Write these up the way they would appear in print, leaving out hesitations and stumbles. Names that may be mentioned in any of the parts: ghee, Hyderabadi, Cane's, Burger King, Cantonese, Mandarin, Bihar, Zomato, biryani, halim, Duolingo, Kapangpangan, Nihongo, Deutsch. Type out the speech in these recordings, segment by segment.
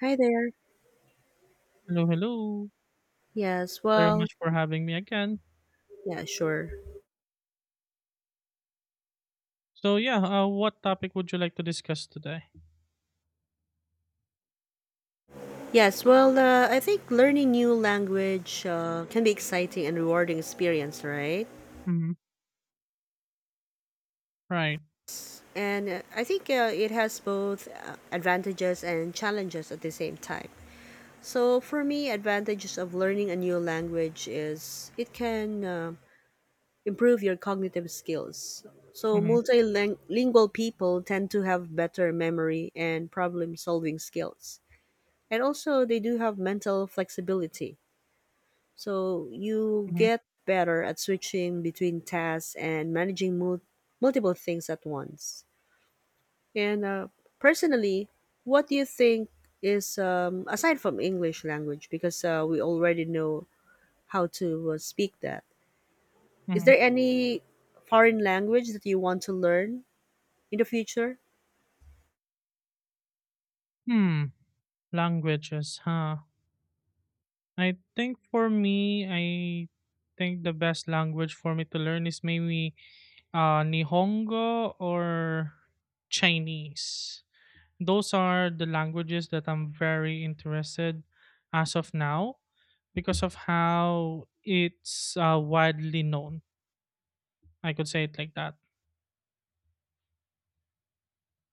Hi there. Hello, hello. Yes, Very well, much for having me again. yeah, sure. So yeah, what topic would you like to discuss today? Yes, well, I think learning new language can be exciting and rewarding experience, right? Mm-hmm. Right. And I think it has both advantages and challenges at the same time. So for me, advantages of learning a new language is it can improve your cognitive skills. So Mm-hmm. multilingual people tend to have better memory and problem-solving skills. And also, they do have mental flexibility. So you Mm-hmm. get better at switching between tasks and managing multiple things at once. And personally, what do you think is aside from English language because we already know how to speak that? Is Mm-hmm. there any foreign language that you want to learn in the future? Hmm. Languages, huh? I think for me, I think the best language for me to learn is maybe Nihongo or Chinese. Those are the languages that I'm very interested as of now because of how it's widely known. I could say it like that.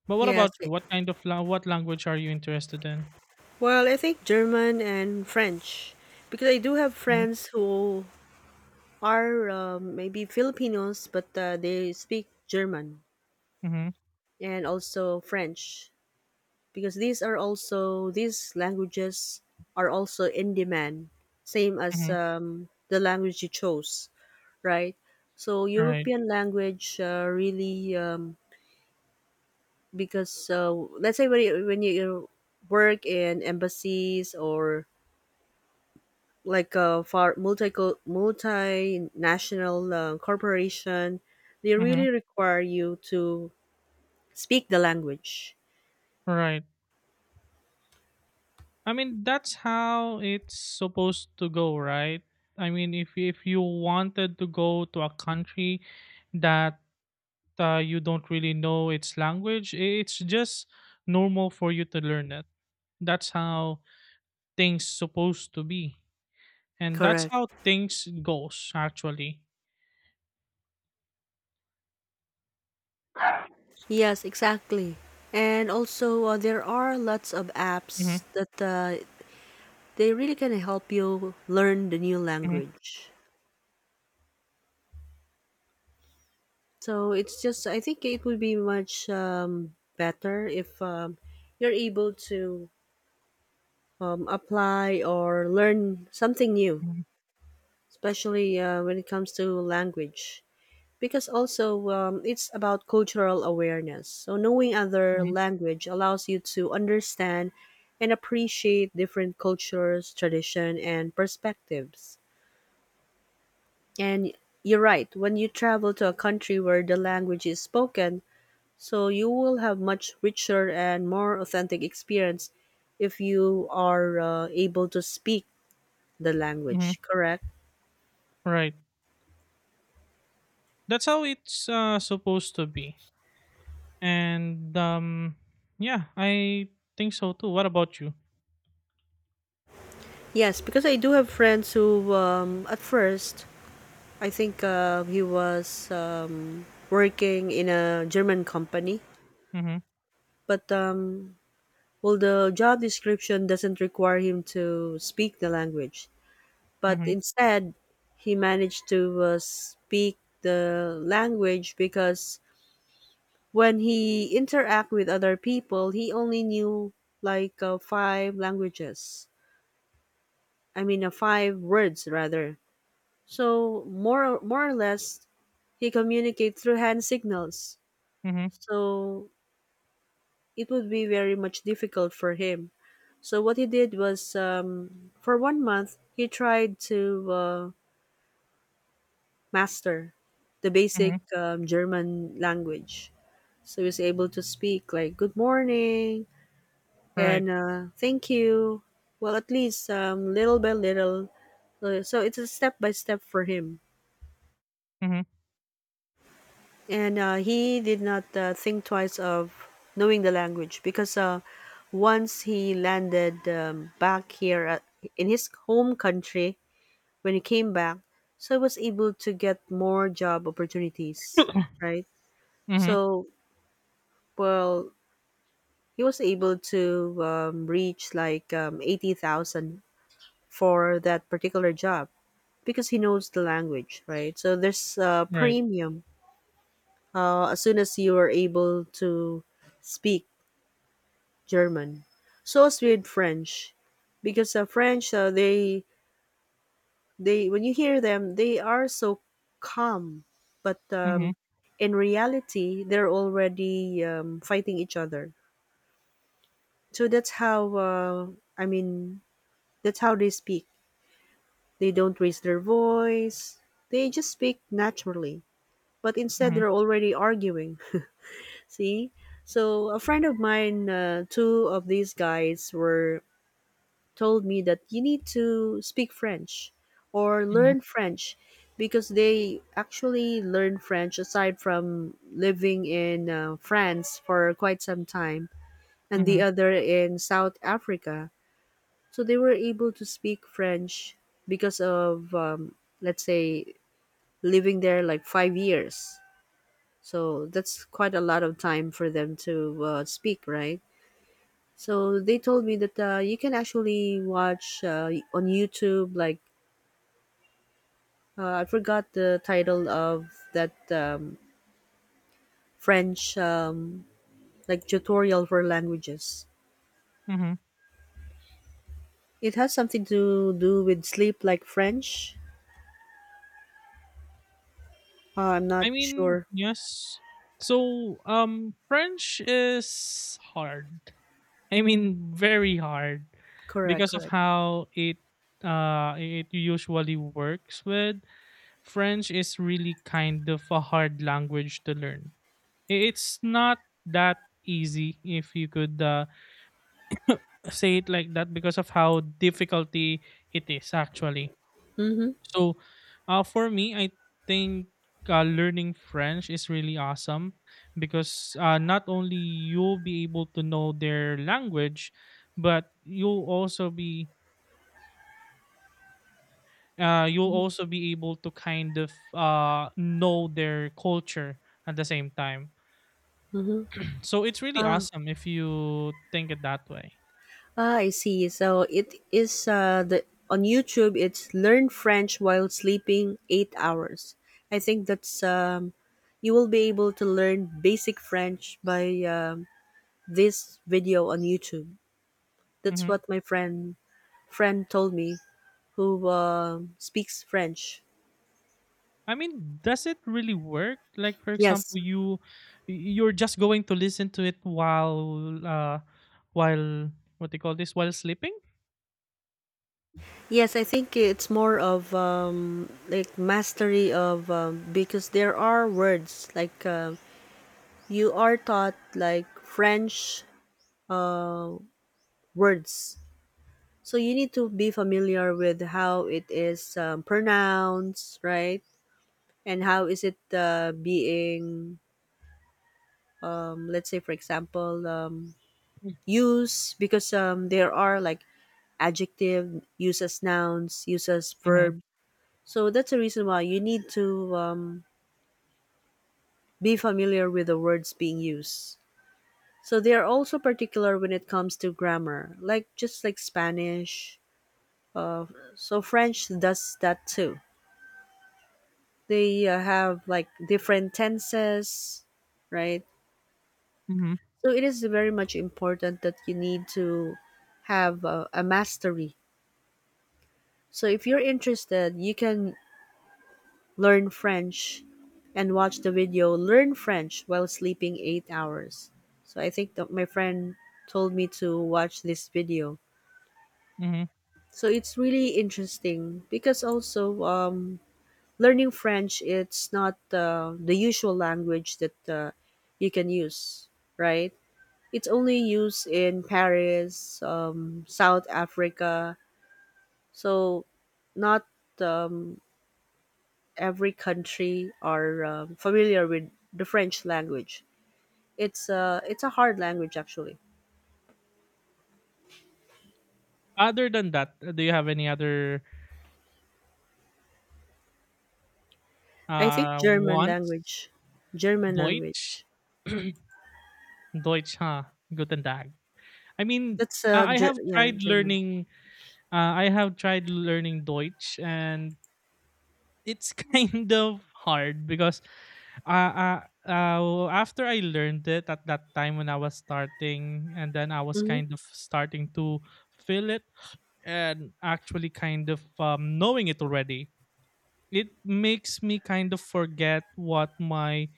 But what Yes. about you? What kind of la- what language are you interested in? Well, I think German and French because I do have Mhm. friends who are maybe Filipinos, but they speak German, Mhm. and also French because these languages are also in demand, same as Mhm. The language you chose, right? So Right. European language, really because let's say when you work in embassies or like a far multinational corporation, they really Mhm. require you to speak the language. Right. I mean, that's how it's supposed to go, right? I mean, if you wanted to go to a country that you don't really know its language, it's just normal for you to learn it. That's how things supposed to be, and that's Correct. how things goes actually. Yes, exactly. And also, there are lots of apps Mhm. that they really can help you learn the new Mhm. language. So it's just, I think it would be much better if you're able to apply or learn something new, Mhm. especially when it comes to language, because also it's about cultural awareness. So knowing other Mhm. language allows you to understand and appreciate different cultures, tradition, and perspectives. And you're right. When you travel to a country where the language is spoken, so you will have much richer and more authentic experience if you are able to speak the Mhm. language. Correct? Right. That's how it's supposed to be. And yeah, I think so too. What about you? Yes, because I do have friends who at first, I think he was working in a German company, Mhm. but well, the job description doesn't require him to speak the language, but Mhm. instead, he managed to speak the language because when he interact with other people, he only knew like five languages. I mean, five words rather. So more or less, he communicate through hand signals. Mhm. So it would be very much difficult for him. So what he did was, for 1 month, he tried to master the basic Mhm. German language. So he was able to speak like "Good morning" and Right. "Thank you." Well, at least little by little. So it's a step by step for him, Mhm. and he did not think twice of knowing the language because once he landed back in his home country, when he came back, so he was able to get more job opportunities, right? Mhm. So well, he was able to reach like 80,000 for that particular job because he knows the language, right? So there's a Right. premium as soon as you are able to speak German. So as with French, because French, they when you hear them, they are so calm, but Mhm. in reality, they're already fighting each other. So that's how I mean, that's how they speak. They don't raise their voice. They just speak naturally, but instead Mhm. they're already arguing. See. So a friend of mine, two of these guys were told me that you need to speak French or Mhm. learn French because they actually learn French aside from living in France for quite some time, and the Mhm. other in South Africa. So they were able to speak French because of, let's say, living there like 5 years. So that's quite a lot of time for them to speak, right? So they told me that you can actually watch on YouTube like I forgot the title of that French like tutorial for languages. Mhm. It has something to do with sleep, like French. I'm not I mean, sure. yes. So, French is hard. I mean, very hard Correct, because of correct. how it usually works with French is really kind of a hard language to learn. It's not that easy if you could say it like that because of how difficulty it is actually. Mm-hmm. So, for me, I think learning French is really awesome because not only you'll be able to know their language, but you'll also be able to kind of know their culture at the same time. Mm-hmm. So it's really Ah, awesome if you think it that way. ah, I see. So it is the on YouTube. It's learn French while sleeping 8 hours. I think that's you will be able to learn basic French by this video on YouTube. That's Hmm. what my friend told me who speaks French. I mean, does it really work? Like, for Yes, example, you're just going to listen to it while what they call this, while sleeping. yes, I think it's more of like mastery of because there are words like you are taught like French uh, words, so you need to be familiar with how it is pronounced, right? And how is it being, let's say, for example, used? Because there are like adjective, uses nouns, uses Mm-hmm. verbs. So that's the reason why you need to be familiar with the words being used. So they are also particular when it comes to grammar, like just like Spanish. Uh, so French does that too. They have like different tenses, right? Mm-hmm. So it is very much important that you need to have a mastery. So if you're interested, you can learn French and watch the video learn French while sleeping 8 hours. So I think that my friend told me to watch this video. Mm-hmm. So it's really interesting because also learning French it's not the usual language that you can use, right? It's only used in Paris, South Africa. So not um, every country are familiar with the French language. It's a hard language actually. Other than that, do you have any other I think German wants? language, German Deutsch, language. Deutsch, huh? Guten Tag. I mean, That's I have yeah, tried German. learning. I have tried learning Deutsch, and it's kind of hard because uh, uh, after I learned it at that time when I was starting, and then I was Mm-hmm. kind of starting to feel it and actually kind of knowing it already, it makes me kind of forget what my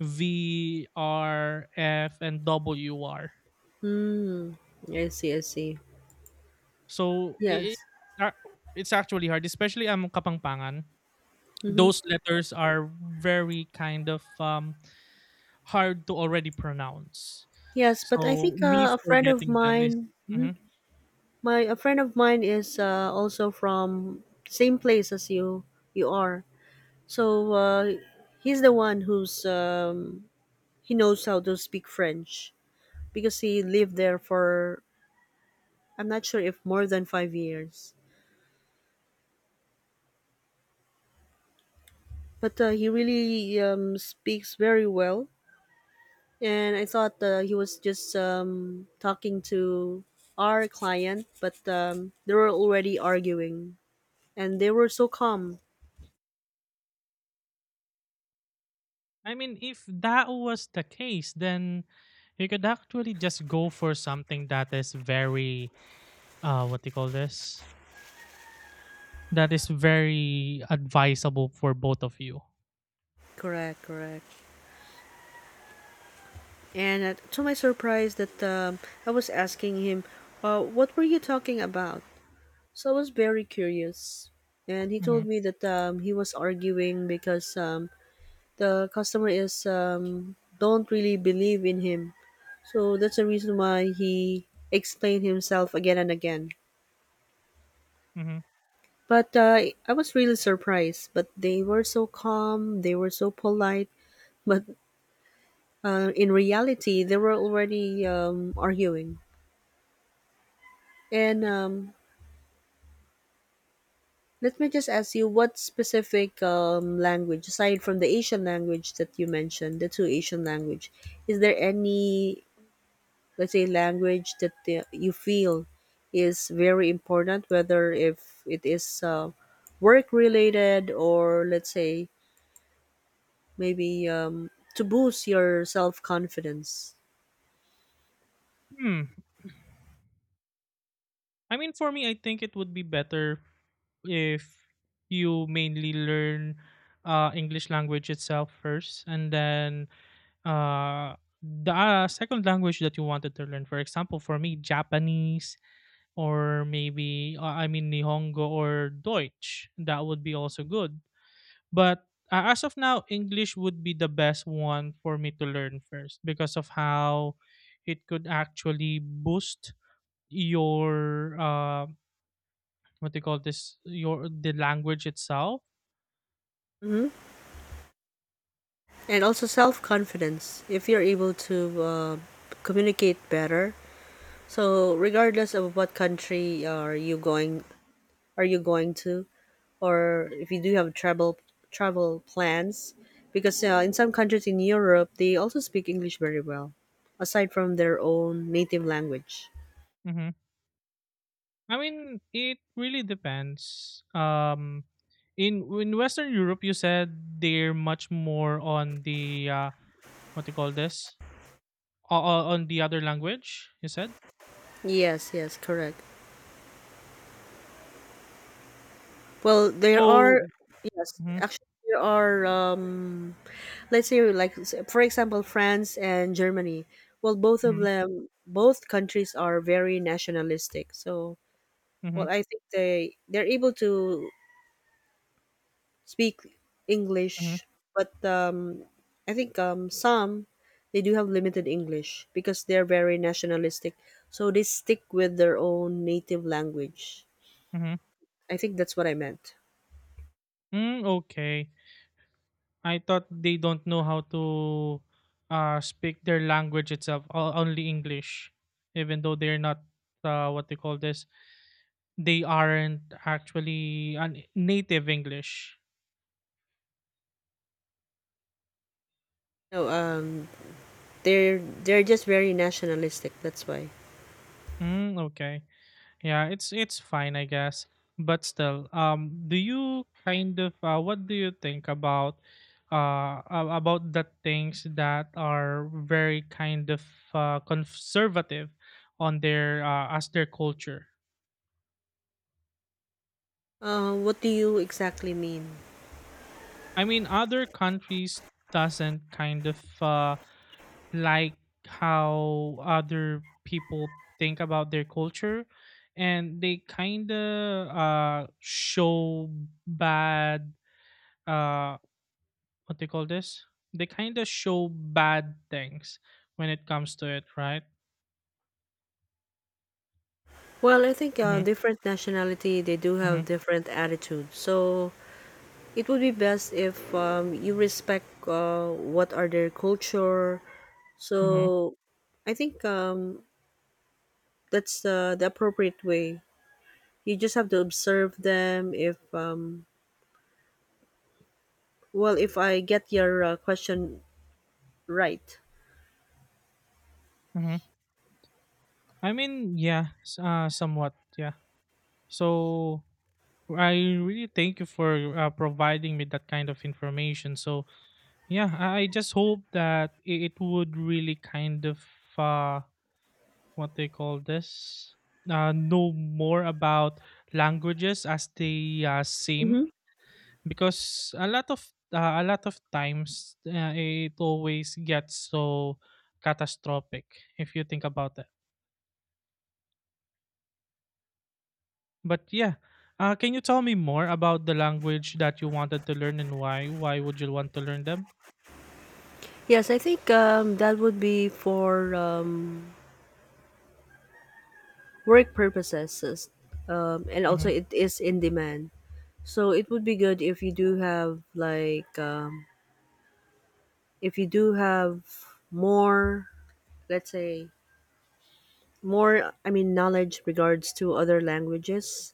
V, R, F, and W are. Mm. I see. I see. So it, Yes. it's actually hard, especially I'm Kapangpangan. Mm-hmm. Those letters are very kind of hard to already pronounce. Yes, but I So think me a friend of forgetting them is. mine, mhm, Mhm. my a friend of mine is also from same place as you are. So he's the one who's he knows how to speak French, because he lived there for I'm not sure if more than 5 years. But he really speaks very well, and I thought he was just talking to our client, but they were already arguing, and they were so calm. I mean, if that was the case, then you could actually just go for something that is very, what do you call this? That is very advisable for both of you. Correct, correct. And to my surprise, that I was asking him, "What were you talking about?" So I was very curious, and he Hmm. told me that he was arguing because the customer is don't really believe in him. So that's the reason why he explained himself again and again. Hmm. But I was really surprised. But they were so calm. They were so polite. But in reality, they were already arguing. And let me just ask you, what specific language, aside from the Asian language that you mentioned, the two Asian language, is there any, let's say, language that you feel is very important, whether if it is work related, or let's say maybe to boost your self confidence. Hmm. I mean, for me, I think it would be better if you mainly learn English language itself first, and then uh, the second language that you wanted to learn. For example, for me, Japanese or maybe I mean Nihongo or Deutsch. That would be also good. But as of now, English would be the best one for me to learn first because of how it could actually boost your what they call this, your the language itself. Hmm. And also self confidence if you're able to communicate better. So regardless of what country are you going to or if you do have travel plans, because in some countries in Europe they also speak English very well aside from their own native language. Hmm. I mean, it really depends. In Western Europe, you said they're much more on the what do you call this? O o on the other language, you said? Yes, yes, correct. Well, there are So. yes, Mhm, actually there are let's say like for example France and Germany. Well, both of mhm, them both countries are very nationalistic. So, mhm, well, I think they're able to speak mhm, English, but I think some they do have limited English because they're very nationalistic, so they stick with their own native language. mhm. I think that's what I meant. Hmm, okay. I thought they don't know how to, speak their language itself, o only English, even though they're not, what they call this, they aren't actually an native English. No, they're they're just very nationalistic. That's why. Hmm, okay. Yeah, it's fine, I guess. But still, do you kind of what do you think about the things that are very kind of conservative on their as their culture? What do you exactly mean? I mean, other countries doesn't kind of like how other people think about their culture, and they kind of show bad. uh. What they call this? They kind of show bad things when it comes to it, right? Well, I think Mhm, different nationality they do have mhm, different attitudes. So it would be best if you respect what are their culture. So mhm, I think that's the appropriate way. You just have to observe them. If well, if I get your question right. mhm. I mean, yeah, somewhat, yeah. So I really thank you for providing me that kind of information. So yeah, I just hope that it would really kind of uh, what they call this, know more about languages as they Hmm. seem. Because a lot of times it always gets so catastrophic if you think about it. But yeah, can you tell me more about the language that you wanted to learn and why? Why would you want to learn them? Yes, I think that would be for work purposes, and also Mm-hmm, it is in demand. So it would be good if you do have like if you do have more, let's say more, knowledge regards to other languages,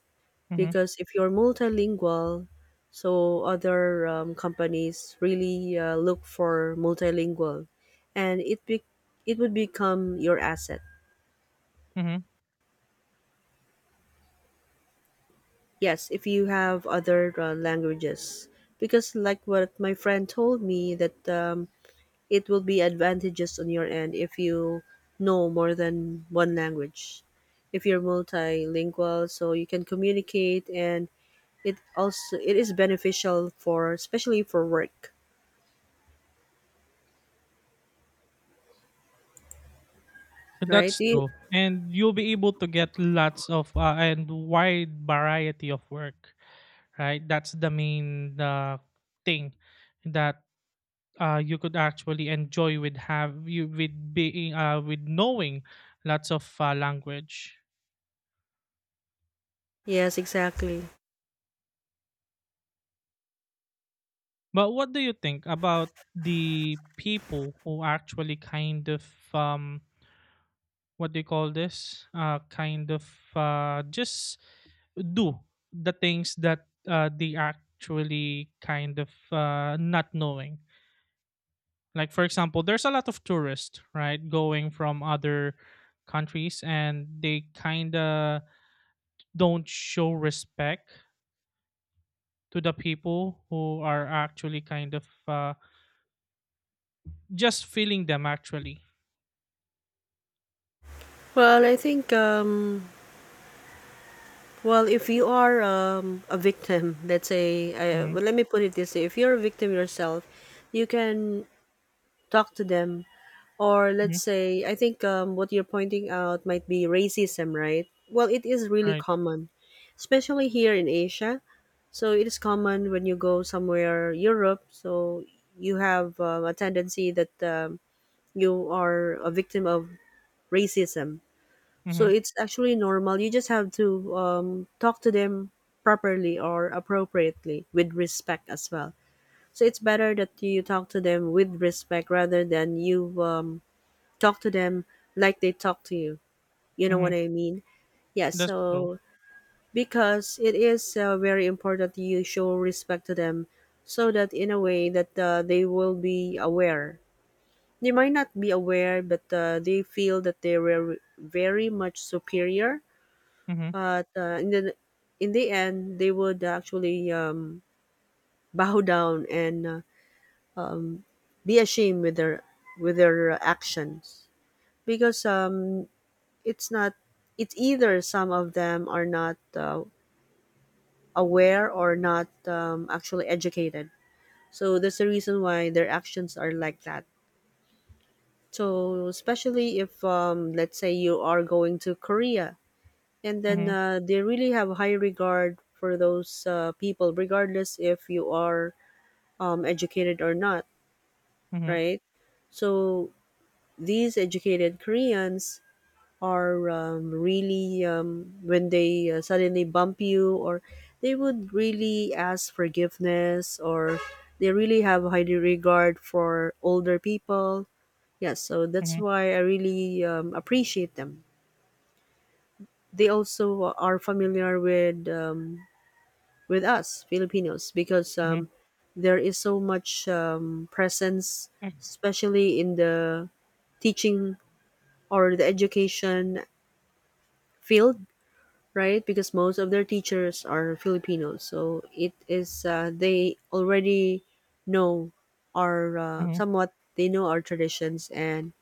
mm-hmm, because if you're multilingual, so other companies really look for multilingual and it would become your asset, mm-hmm. yes, if you have other languages, because like what my friend told me that it will be advantageous on your end if you know more than one language, if you're multilingual, so you can communicate and it also it is beneficial for, especially for work. Right. That's true, and you'll be able to get lots of and wide variety of work. Right? That's the main thing that you could actually enjoy with have you with being with knowing lots of language. Yes, exactly. But what do you think about the people who actually kind of um, what do you call this? Kind of just do the things that they actually kind of not knowing. Like for example, there's a lot of tourists right going from other countries, and they kind of don't show respect to the people who are actually kind of just feeling them actually. Well, I think well, if you are a victim, let's say Mm-hmm, let me put it this way, if you're a victim yourself, you can talk to them. Or mm-hmm, let's say, I think what you're pointing out might be racism, right? Well, it is really right. common, especially here in Asia. So it is common when you go somewhere Europe, so you have a tendency that you are a victim of racism. So Mm-hmm, it's actually normal. You just have to talk to them properly or appropriately with respect as well. So it's better that you talk to them with respect rather than you talk to them like they talk to you. You know mm-hmm. what I mean? Yeah. That's true. So because it is very important that you show respect to them so that in a way that they will be aware. They might not be aware, but they feel that they were very much superior. Mm-hmm, But in the end, they would actually bow down and be ashamed with their actions, because it's not it's either some of them are not aware or not actually educated, so that's the reason why their actions are like that. So especially if let's say you are going to Korea, and then mm-hmm, they really have high regard for those people regardless if you are educated or not. mm-hmm, Right. So these educated Koreans are really when they suddenly bump you or they would really ask forgiveness, or they really have high regard for older people. Yes, so that's mm-hmm, why I really appreciate them. They also are familiar with us Filipinos, because mm-hmm, there is so much presence, especially in the teaching or the education field, right? Because most of their teachers are Filipinos, so it is they already know our mm-hmm. somewhat they know our traditions and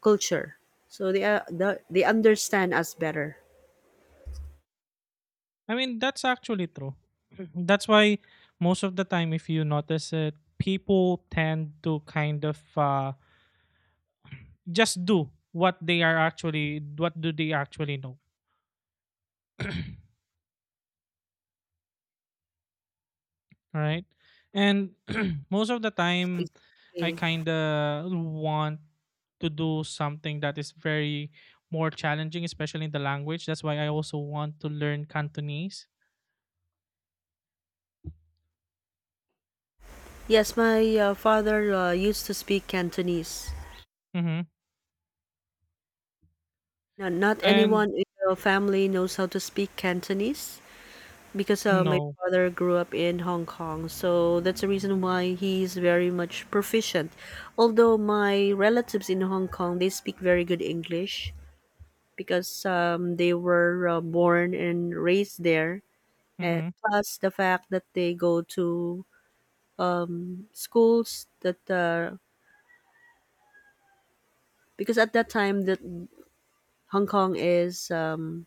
culture, so they understand us better. I mean, that's actually true. Mhm. That's why most of the time, if you notice it, people tend to kind of just do what they are actually, what do they actually know. All right? And most of the Exactly. time, I kind of want to do something that is very more challenging, especially in the language. That's why I also want to learn Cantonese. Yes, my father used to speak Cantonese. Mm-hmm. Now, not And anyone in your family knows how to speak Cantonese, because my no, father grew up in Hong Kong, so that's the reason why he's very much proficient. Although my relatives in Hong Kong, they speak very good English because they were born and raised there. And mm-hmm. plus the fact that they go to schools that because at that time that Hong Kong is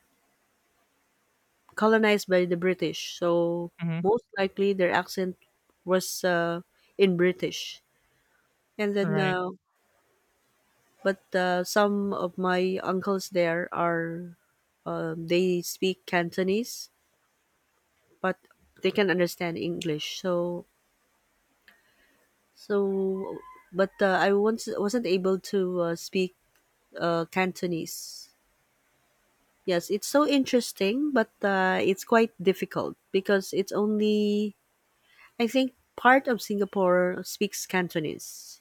colonized by the British, so Mm-hmm. most likely their accent was in British. And then, Right. But some of my uncles there are, they speak Cantonese, but they can understand English. So, but I once wasn't able to speak Cantonese. Yes, it's so interesting, but it's quite difficult because it's only, I think, part of Singapore speaks Cantonese.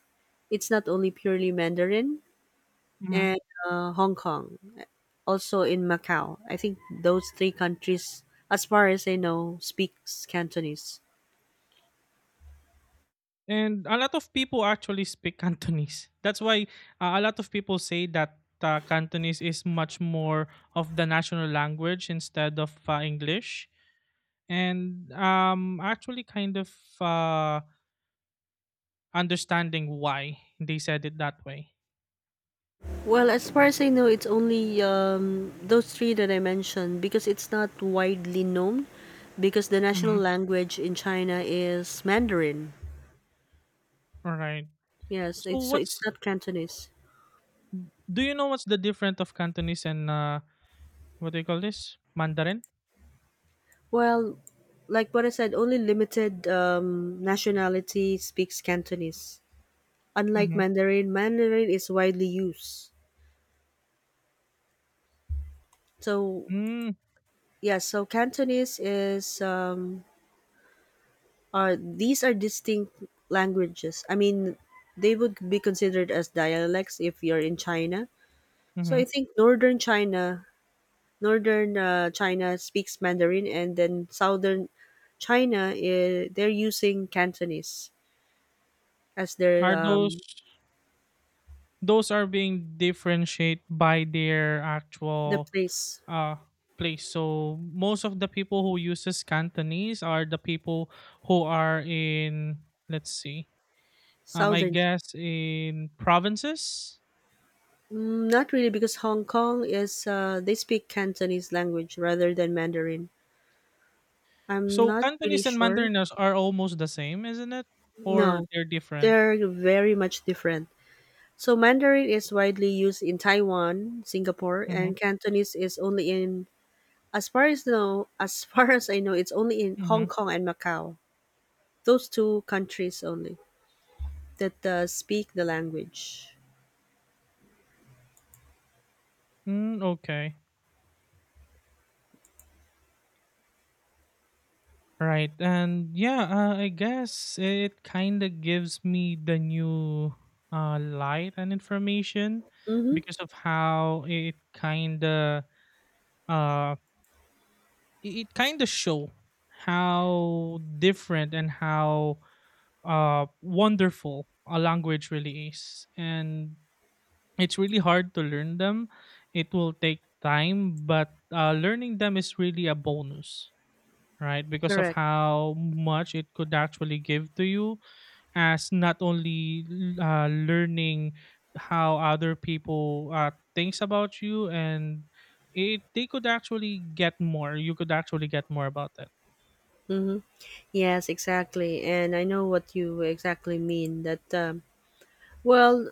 It's not only purely Mandarin, Mm-hmm. and Hong Kong, also in Macau. I think those three countries, as far as I know, speaks Cantonese. And a lot of people actually speak Cantonese. That's why a lot of people say that Cantonese is much more of the national language instead of English and actually kind of uh understanding why they said it that way. Well, as far as I know, it's only those three that I mentioned because it's not widely known, because the national Mm-hmm. language in China is Mandarin. All right. Yes, So so it's what's not Cantonese. do you know what's the difference of Cantonese and what do you call this, Mandarin? Well, like what I said, only limited nationality speaks Cantonese. Unlike Mm-hmm. Mandarin, Mandarin is widely used. So, Mm. yeah, so Cantonese is, are these are distinct languages. I mean, they would be considered as dialects if you're in China. So Mm-hmm. I think northern China speaks Mandarin, and then southern China is, they're using Cantonese as their are those those are being differentiate by their the actual place, uh place? So most of the people who uses Cantonese are the people who are in, let's see. I southern. guess in provinces? Mm, not really, because Hong Kong is they speak Cantonese language rather than Mandarin. I'm So not really Cantonese and sure. Mandarinous are almost the same, isn't it? Or No, they're different? they're very much different. So Mandarin is widely used in Taiwan, Singapore, Mhm, and Cantonese is only in, as far as know, as far as I know, it's only in Hong mhm. Kong and Macau. Those two countries only that speak the language. Mm, okay. Right. And yeah, I guess it kind of gives me the new light and information Mm-hmm. because of how uh, it kind of show how different and how wonderful a language really is. And it's really hard to learn them. It will take time, but learning them is really a bonus, right? Because of Correct. how much it could actually give to you, as not only learning how other people thinks about you, and it they could actually get more. You could actually get more about that. Mm-hmm. Yes, exactly. And I know what you exactly mean. That well,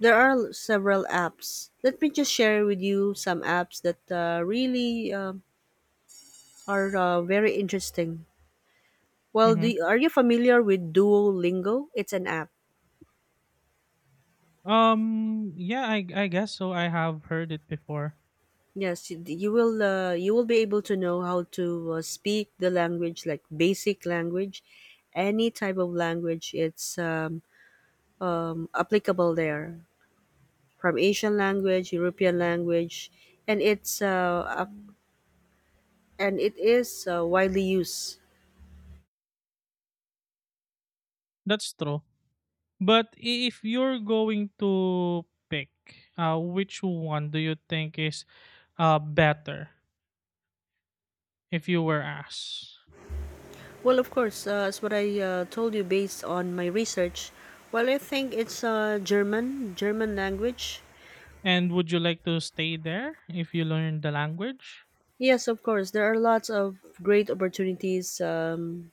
there are several apps. Let me just share with you some apps that really are very interesting. Well, Hmm. Are you familiar with Duolingo? It's an app. Yeah. I guess so. I have heard it before. Yes, you will you will be able to know how to speak the language, like basic language, any type of language. It's applicable there, from Asian language, European language, and and it is widely used. That's true. But if you're going to pick, which one do you think is better if you were asked? Well, of course, as what I told you based on my research, well, I think it's German, German language. And would you like to stay there if you learn the language? Yes, of course. There are lots of great opportunities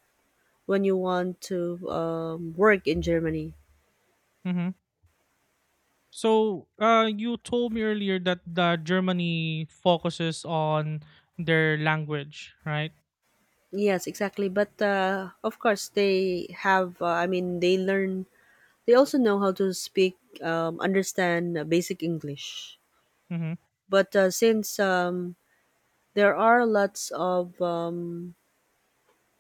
when you want to work in Germany. Hmm. So, you told me earlier that the Germany focuses on their language, right? Yes, exactly. But of course, they have, they learn, they also know how to speak, understand basic English. Mm-hmm. But since there are lots of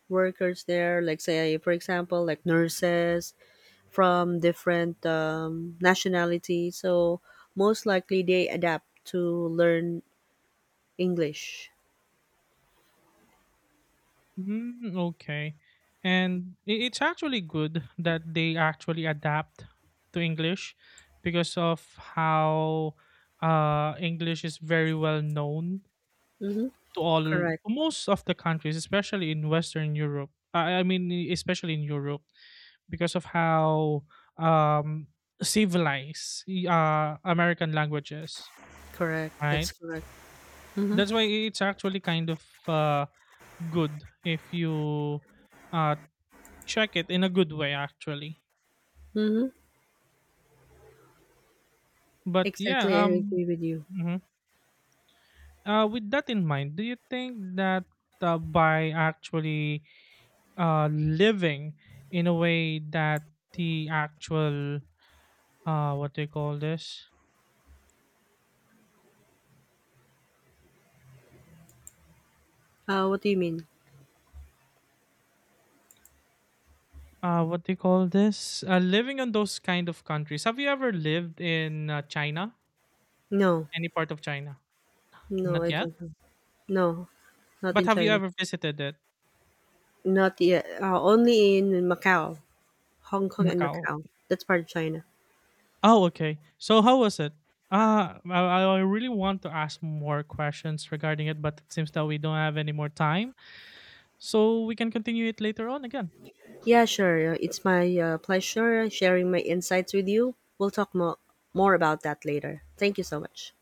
workers there, like, say, for example, like nurses, from different nationalities, so most likely they adapt to learn English. Mm, okay. And it's actually good that they actually adapt to English because of how English is very well known Mm-hmm. to all to Correct, most of the countries, especially in Western Europe. I mean, especially in Europe, because of how um, civilized American languages, correct. right? That's correct. Mm-hmm. That's why it's actually kind of good if you uh, check it in a good way actually. Mm-hmm. But Exactly, I yeah, agree with you. Mhm. With that in mind, do you think that by actually living in a way that the actual what do you call this, What do you mean? What do you call this, living in those kind of countries? Have you ever lived in China? No, Any part of China? no, Not I yet. don't know. No, not But in have you China. ever visited it? Not yet. Only in Macau, Hong Kong, and Macau? Macau. That's part of China. Oh, okay. So how was it? I really want to ask more questions regarding it, but it seems that we don't have any more time. So we can continue it later on again. Yeah, sure. It's my pleasure sharing my insights with you. We'll talk more about that later. Thank you so much.